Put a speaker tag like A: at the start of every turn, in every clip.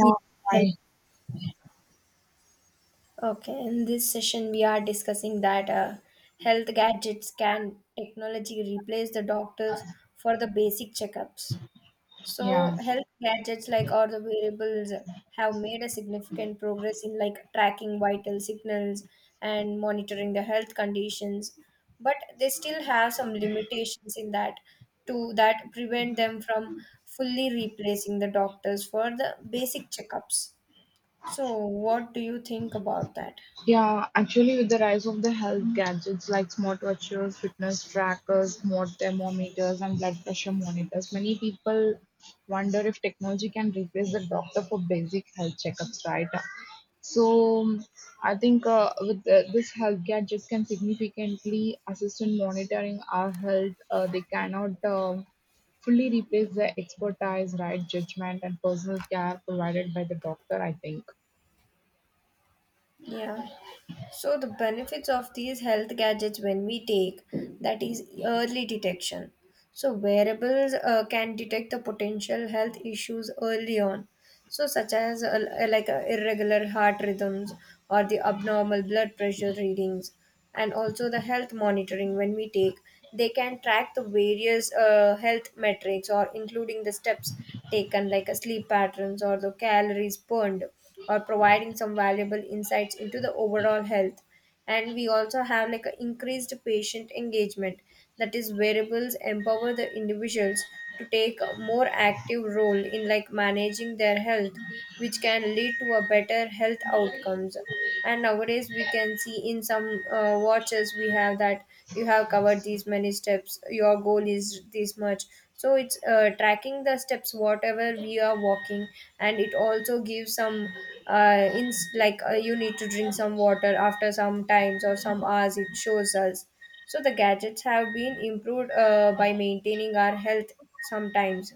A: Yeah, hello.
B: I
A: Okay, in this session, we are discussing that health gadgets, can technology replace the doctors for the basic checkups. So,
B: yeah.
A: health gadgets like or the wearables have made a significant progress in like tracking vital signals and monitoring the health conditions, but they still have some limitations in that to that prevent them from fully replacing the doctors for the basic checkups. So, what do you think about that?
B: Yeah, actually with the rise of the health gadgets like smartwatches, fitness trackers, smart thermometers and blood pressure monitors, many people wonder if technology can replace the doctor for basic health checkups, right? So I think with this health gadgets can significantly assist in monitoring our health. They cannot fully replace the expertise, right, judgment and personal care provided by the doctor, I think.
A: Yeah. So, the benefits of these health gadgets when we take, that is early detection. So, wearables can detect the potential health issues early on. So, such as irregular heart rhythms or the abnormal blood pressure readings, and also the health monitoring when we take, they can track the various health metrics or including the steps taken, like sleep patterns or the calories burned, or providing some valuable insights into the overall health. And we also have like a increased patient engagement, that is, variables empower the individuals to take a more active role in like managing their health, which can lead to a better health outcomes. And nowadays we can see in some watches we have that you have covered these many steps, your goal is this much, so it's tracking the steps whatever we are walking. And it also gives some in like you need to drink some water after some times or some hours, it shows us. So the gadgets have been improved by maintaining our health sometimes.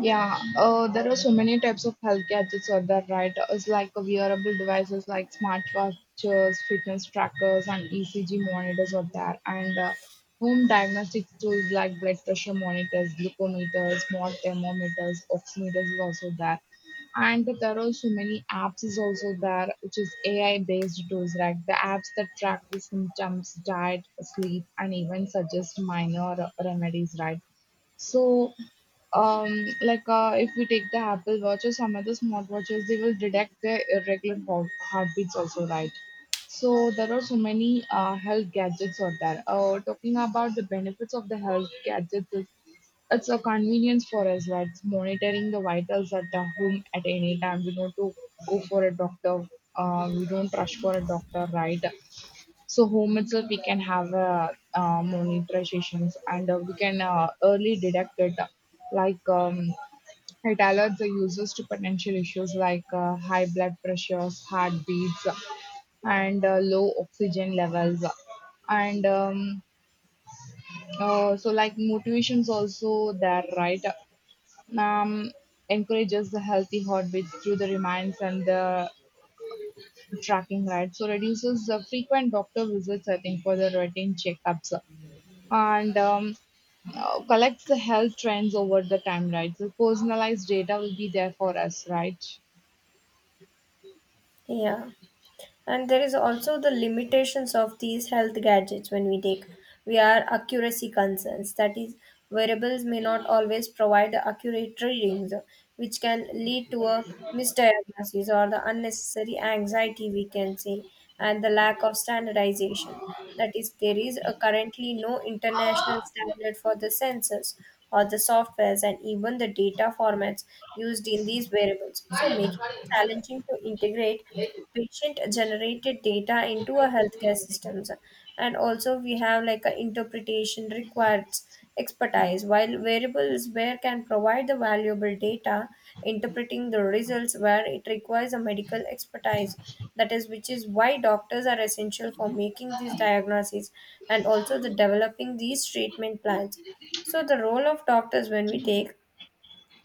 B: Yeah, there are so many types of health gadgets out there, right? It's like wearable devices like smartwatches, fitness trackers, and ECG monitors out there, and home diagnostic tools like blood pressure monitors, glucometers, smart thermometers, oximeters is also there, and there are so many apps is also there, which is AI based tools, right? The apps that track the symptoms, diet, sleep, and even suggest minor remedies, right? So um if we take the Apple Watch or some other smartwatches, they will detect their irregular heartbeats also, right? So there are so many health gadgets out there. Talking about the benefits of the health gadgets is it's a convenience for us, right? It's monitoring the vitals at the home at any time. We don't to go for a doctor, we don't rush for a doctor, right? So home itself, we can have monitor sessions, and we can early detect it. Like it alerts the users to potential issues like high blood pressures, heartbeats, and low oxygen levels. And like motivations also there, right? Um, Encourages the healthy heartbeats through the reminds and the tracking, right? So reduces the frequent doctor visits, I think, for the routine checkups and collects the health trends over the time, right? So personalized data will be there for us, right?
A: Yeah. And there is also the limitations of these health gadgets when we take, we are accuracy concerns, that is wearables may not always provide accurate readings which can lead to a misdiagnosis or the unnecessary anxiety, we can say. And the lack of standardization, that is there is a currently no international standard for the sensors or the softwares and even the data formats used in these wearables, so making it challenging to integrate patient generated data into a healthcare systems. And also we have like a interpretation requires expertise, while variables where can provide the valuable data, interpreting the results where it requires a medical expertise, that is which is why doctors are essential for making these diagnoses and also the developing these treatment plans. So the role of doctors when we take,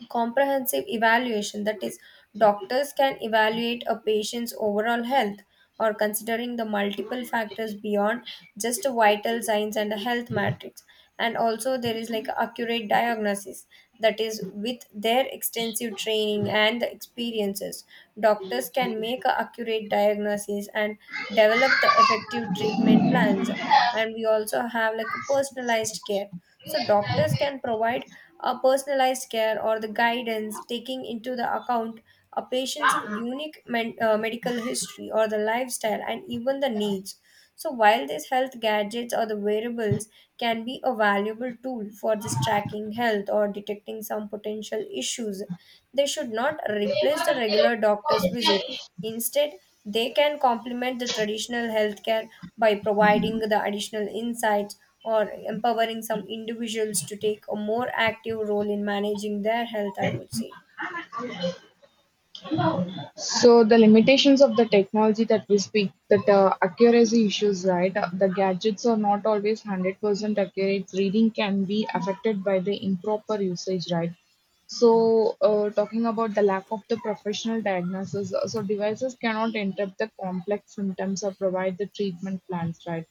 A: comprehensive evaluation, that is doctors can evaluate a patient's overall health or considering the multiple factors beyond just vital signs and a health matrix. And also there is like accurate diagnosis, that is with their extensive training and the experiences, doctors can make a accurate diagnosis and develop the effective treatment plans. And we also have like a personalized care, so doctors can provide a personalized care or the guidance, taking into the account a patient's unique medical history or the lifestyle and even the needs. So, while these health gadgets or the wearables can be a valuable tool for this tracking health or detecting some potential issues, they should not replace the regular doctor's visit. Instead, they can complement the traditional healthcare by providing the additional insights or empowering some individuals to take a more active role in managing their health, I would say.
B: So the limitations of the technology that we speak, that accuracy issues, right? The gadgets are not always 100% accurate. Reading can be affected by the improper usage, right? So, talking about the lack of the professional diagnosis, so devices cannot interrupt the complex symptoms or provide the treatment plans, right?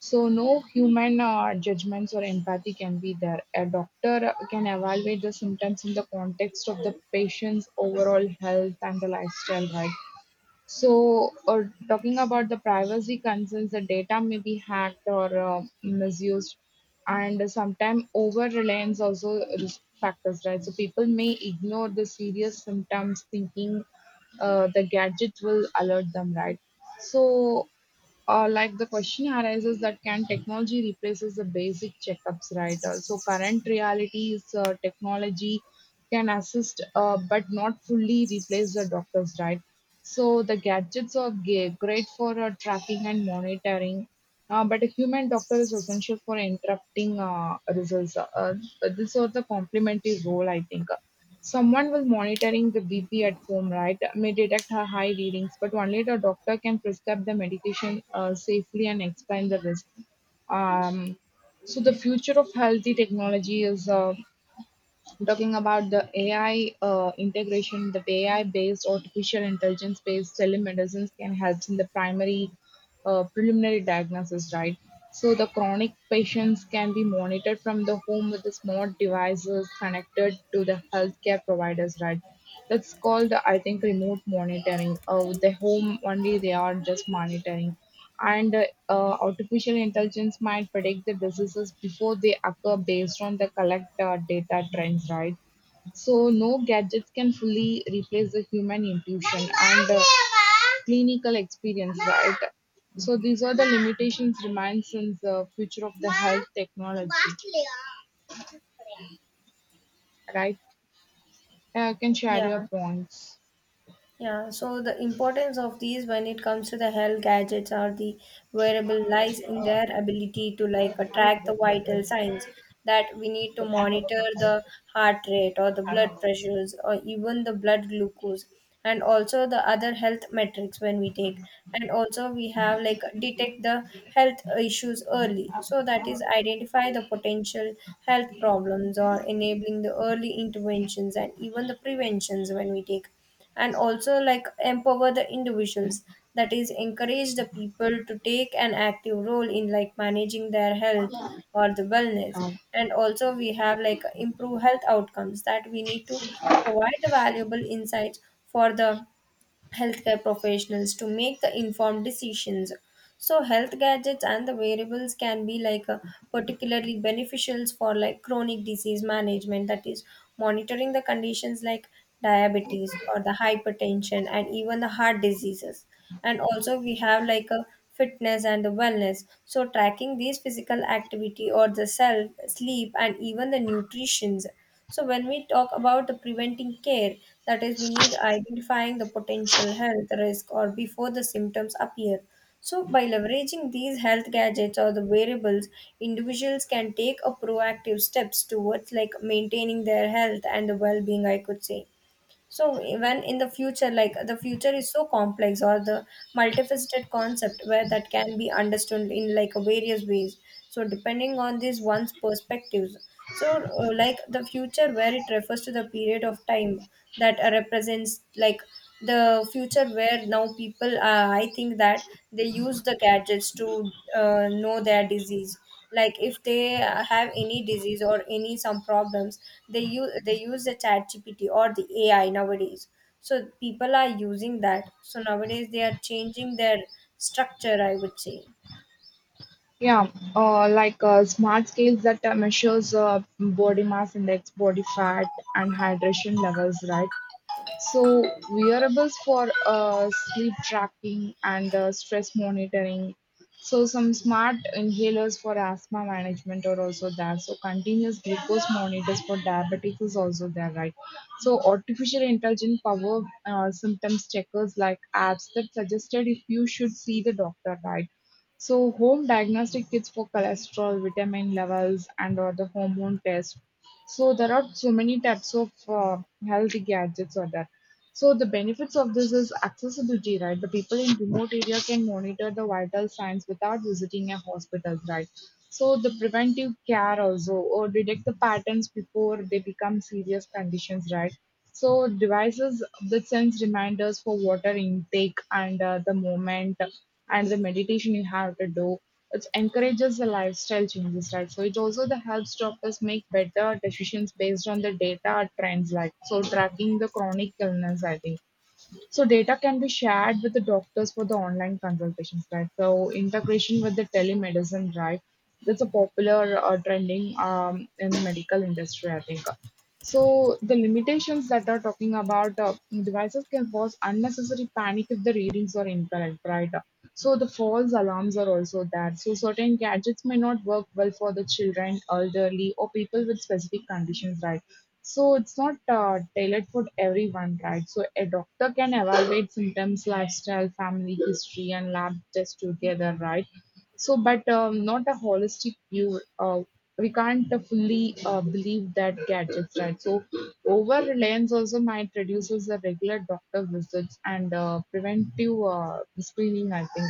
B: So no human judgments or empathy can be there. A doctor can evaluate the symptoms in the context of the patient's overall health and the lifestyle, right? So, or talking about the privacy concerns, the data may be hacked or misused, and sometimes over reliance also risk factors, right? So people may ignore the serious symptoms, thinking the gadget will alert them, right? So like the question arises that can technology replaces the basic checkups, right? So current reality is technology can assist, but not fully replace the doctors, right? So the gadgets are great for tracking and monitoring, but a human doctor is essential for interrupting results. This is the complementary role, I think. Someone will monitoring the BP at home, right, may detect her high readings, but only the doctor can prescribe the medication safely and explain the risk. Um, so the future of healthy technology is I'm talking about the AI integration. The AI based artificial intelligence based telemedicines can help in the primary preliminary diagnosis, right? So the chronic patients can be monitored from the home with the smart devices connected to the healthcare providers, right? That's called, I think, remote monitoring. With the home only, they are just monitoring, and artificial intelligence might predict the diseases before they occur based on the collect data trends, right? So no gadgets can fully replace the human intuition and clinical experience, right? So these are the limitations remain since the future of the health technology, right. Can share your
A: Yeah.
B: points.
A: Yeah, so the importance of these when it comes to the health gadgets or the wearable lies in their ability to like track the vital signs that we need to monitor the heart rate or the blood pressures or even the blood glucose and also the other health metrics when we take. And also we have like detect the health issues early, so that is identify the potential health problems or enabling the early interventions and even the preventions when we take. And also like empower the individuals, that is encourage the people to take an active role in like managing their health or the wellness.
B: Um,
A: And also we have like improve health outcomes, that we need to provide the valuable insights for the healthcare professionals to make the informed decisions. So health gadgets and the variables can be like particularly beneficial for like chronic disease management, that is monitoring the conditions like diabetes or the hypertension and even the heart diseases. And also we have like a fitness and the wellness. So tracking these physical activity or the self sleep and even the nutritions. So when we talk about the preventing care, that is, we need identifying the potential health risk or before the symptoms appear. So by leveraging these health gadgets or the variables, individuals can take a proactive steps towards like maintaining their health and the well-being, I could say. So when in the future, like the future is so complex or the multifaceted concept where that can be understood in like various ways, so depending on this one's perspectives. So like the future where it refers to the period of time that represents like the future where now people I think that they use the gadgets to know their disease, like if they have any disease or any some problems, they use the ChatGPT or the AI nowadays. So people are using that, so nowadays they are changing their structure, I would say.
B: Yeah, like smart scales that measures body mass index, body fat, and hydration levels, right? So wearables for sleep tracking and stress monitoring. So some smart inhalers for asthma management are also there. So continuous glucose monitors for diabetics is also there, right? So artificial intelligent power symptoms checkers like apps that suggested if you should see the doctor, right? So home diagnostic kits for cholesterol, vitamin levels, and or the hormone test. So there are so many types of health gadgets or that. So the benefits of this is accessibility, right? The people in remote area can monitor the vital signs without visiting a hospital, right? So the preventive care also, or detect the patterns before they become serious conditions, right? So devices that sends reminders for water intake and the moment and the meditation you have to do. It encourages the lifestyle changes, right? So it also the helps doctors make better decisions based on the data or trends, like so tracking the chronic illness, I think. So data can be shared with the doctors for the online consultations, right? So integration with the telemedicine, right? That's a popular trending in the medical industry, I think. So the limitations that are talking about devices can cause unnecessary panic if the readings are incorrect, right? So the false alarms are also there. So certain gadgets may not work well for the children, elderly, or people with specific conditions, right? So it's not tailored for everyone, right? So a doctor can evaluate symptoms, lifestyle, family history, and lab tests together, right? So, but not a holistic view. We can't fully believe that gadgets, right? So over reliance also might reduces the regular doctor visits and preventive screening. I think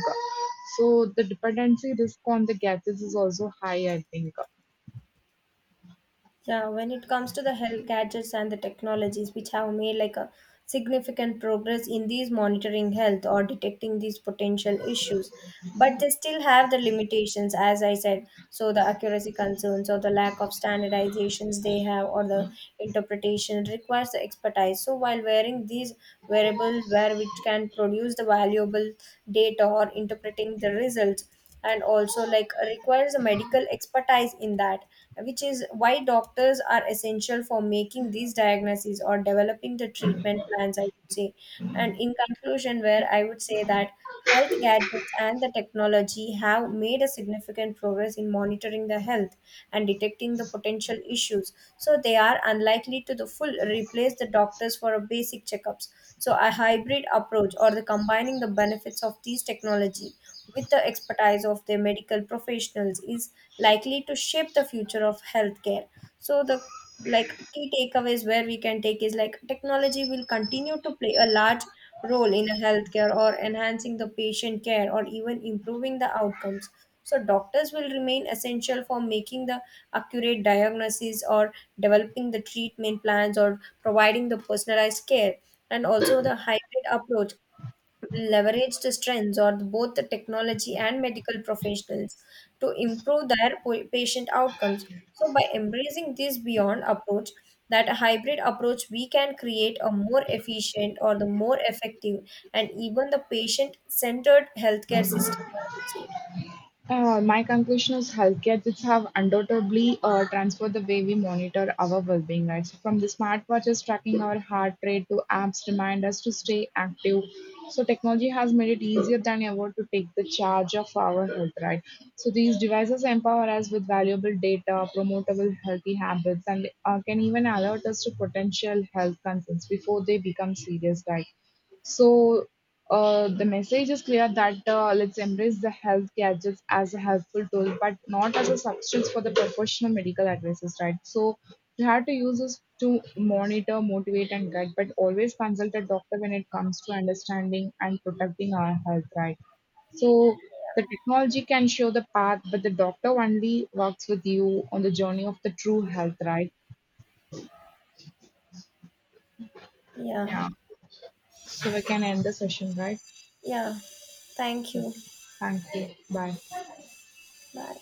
B: so. The dependency risk on the gadgets is also high. I think.
A: Yeah, when it comes to the health gadgets and the technologies which have made like a significant progress in these monitoring health or detecting these potential issues, but they still have the limitations, as I said. So the accuracy concerns or the lack of standardizations they have or the interpretation requires the expertise. So while wearing these wearables where which can produce the valuable data or interpreting the results and also like requires a medical expertise in that, which is why doctors are essential for making these diagnoses or developing the treatment plans, I would say. And in conclusion where I would say that health gadgets and the technology have made a significant progress in monitoring the health and detecting the potential issues, so they are unlikely to the full replace the doctors for a basic checkups. So a hybrid approach or the combining the benefits of these technology with the expertise of the medical professionals is likely to shape the future of healthcare. So the like key takeaways where we can take is like technology will continue to play a large role in a healthcare or enhancing the patient care or even improving the outcomes. So doctors will remain essential for making the accurate diagnosis or developing the treatment plans or providing the personalized care. And also the hybrid approach leverage the strengths of both the technology and medical professionals to improve their patient outcomes. So, by embracing this beyond approach, that hybrid approach, we can create a more efficient or the more effective and even the patient centered healthcare system, I would say.
B: My conclusion is health gadgets have undoubtedly transformed the way we monitor our well-being, right? So from the smartwatches tracking our heart rate to apps remind us to stay active. So technology has made it easier than ever to take the charge of our health, right? So these devices empower us with valuable data, promotable healthy habits, and can even alert us to potential health concerns before they become serious, right? So the message is clear that let's embrace the health gadgets as a helpful tool, but not as a substance for the professional medical advices, right? So you have to use this to monitor, motivate, and guide, but always consult a doctor when it comes to understanding and protecting our health, right? So the technology can show the path, but the doctor only works with you on the journey of the true health, right?
A: Yeah,
B: Yeah. So we can end the session, right?
A: yeah. Thank
B: Okay.
A: you.
B: Thank you. Bye.
A: Bye.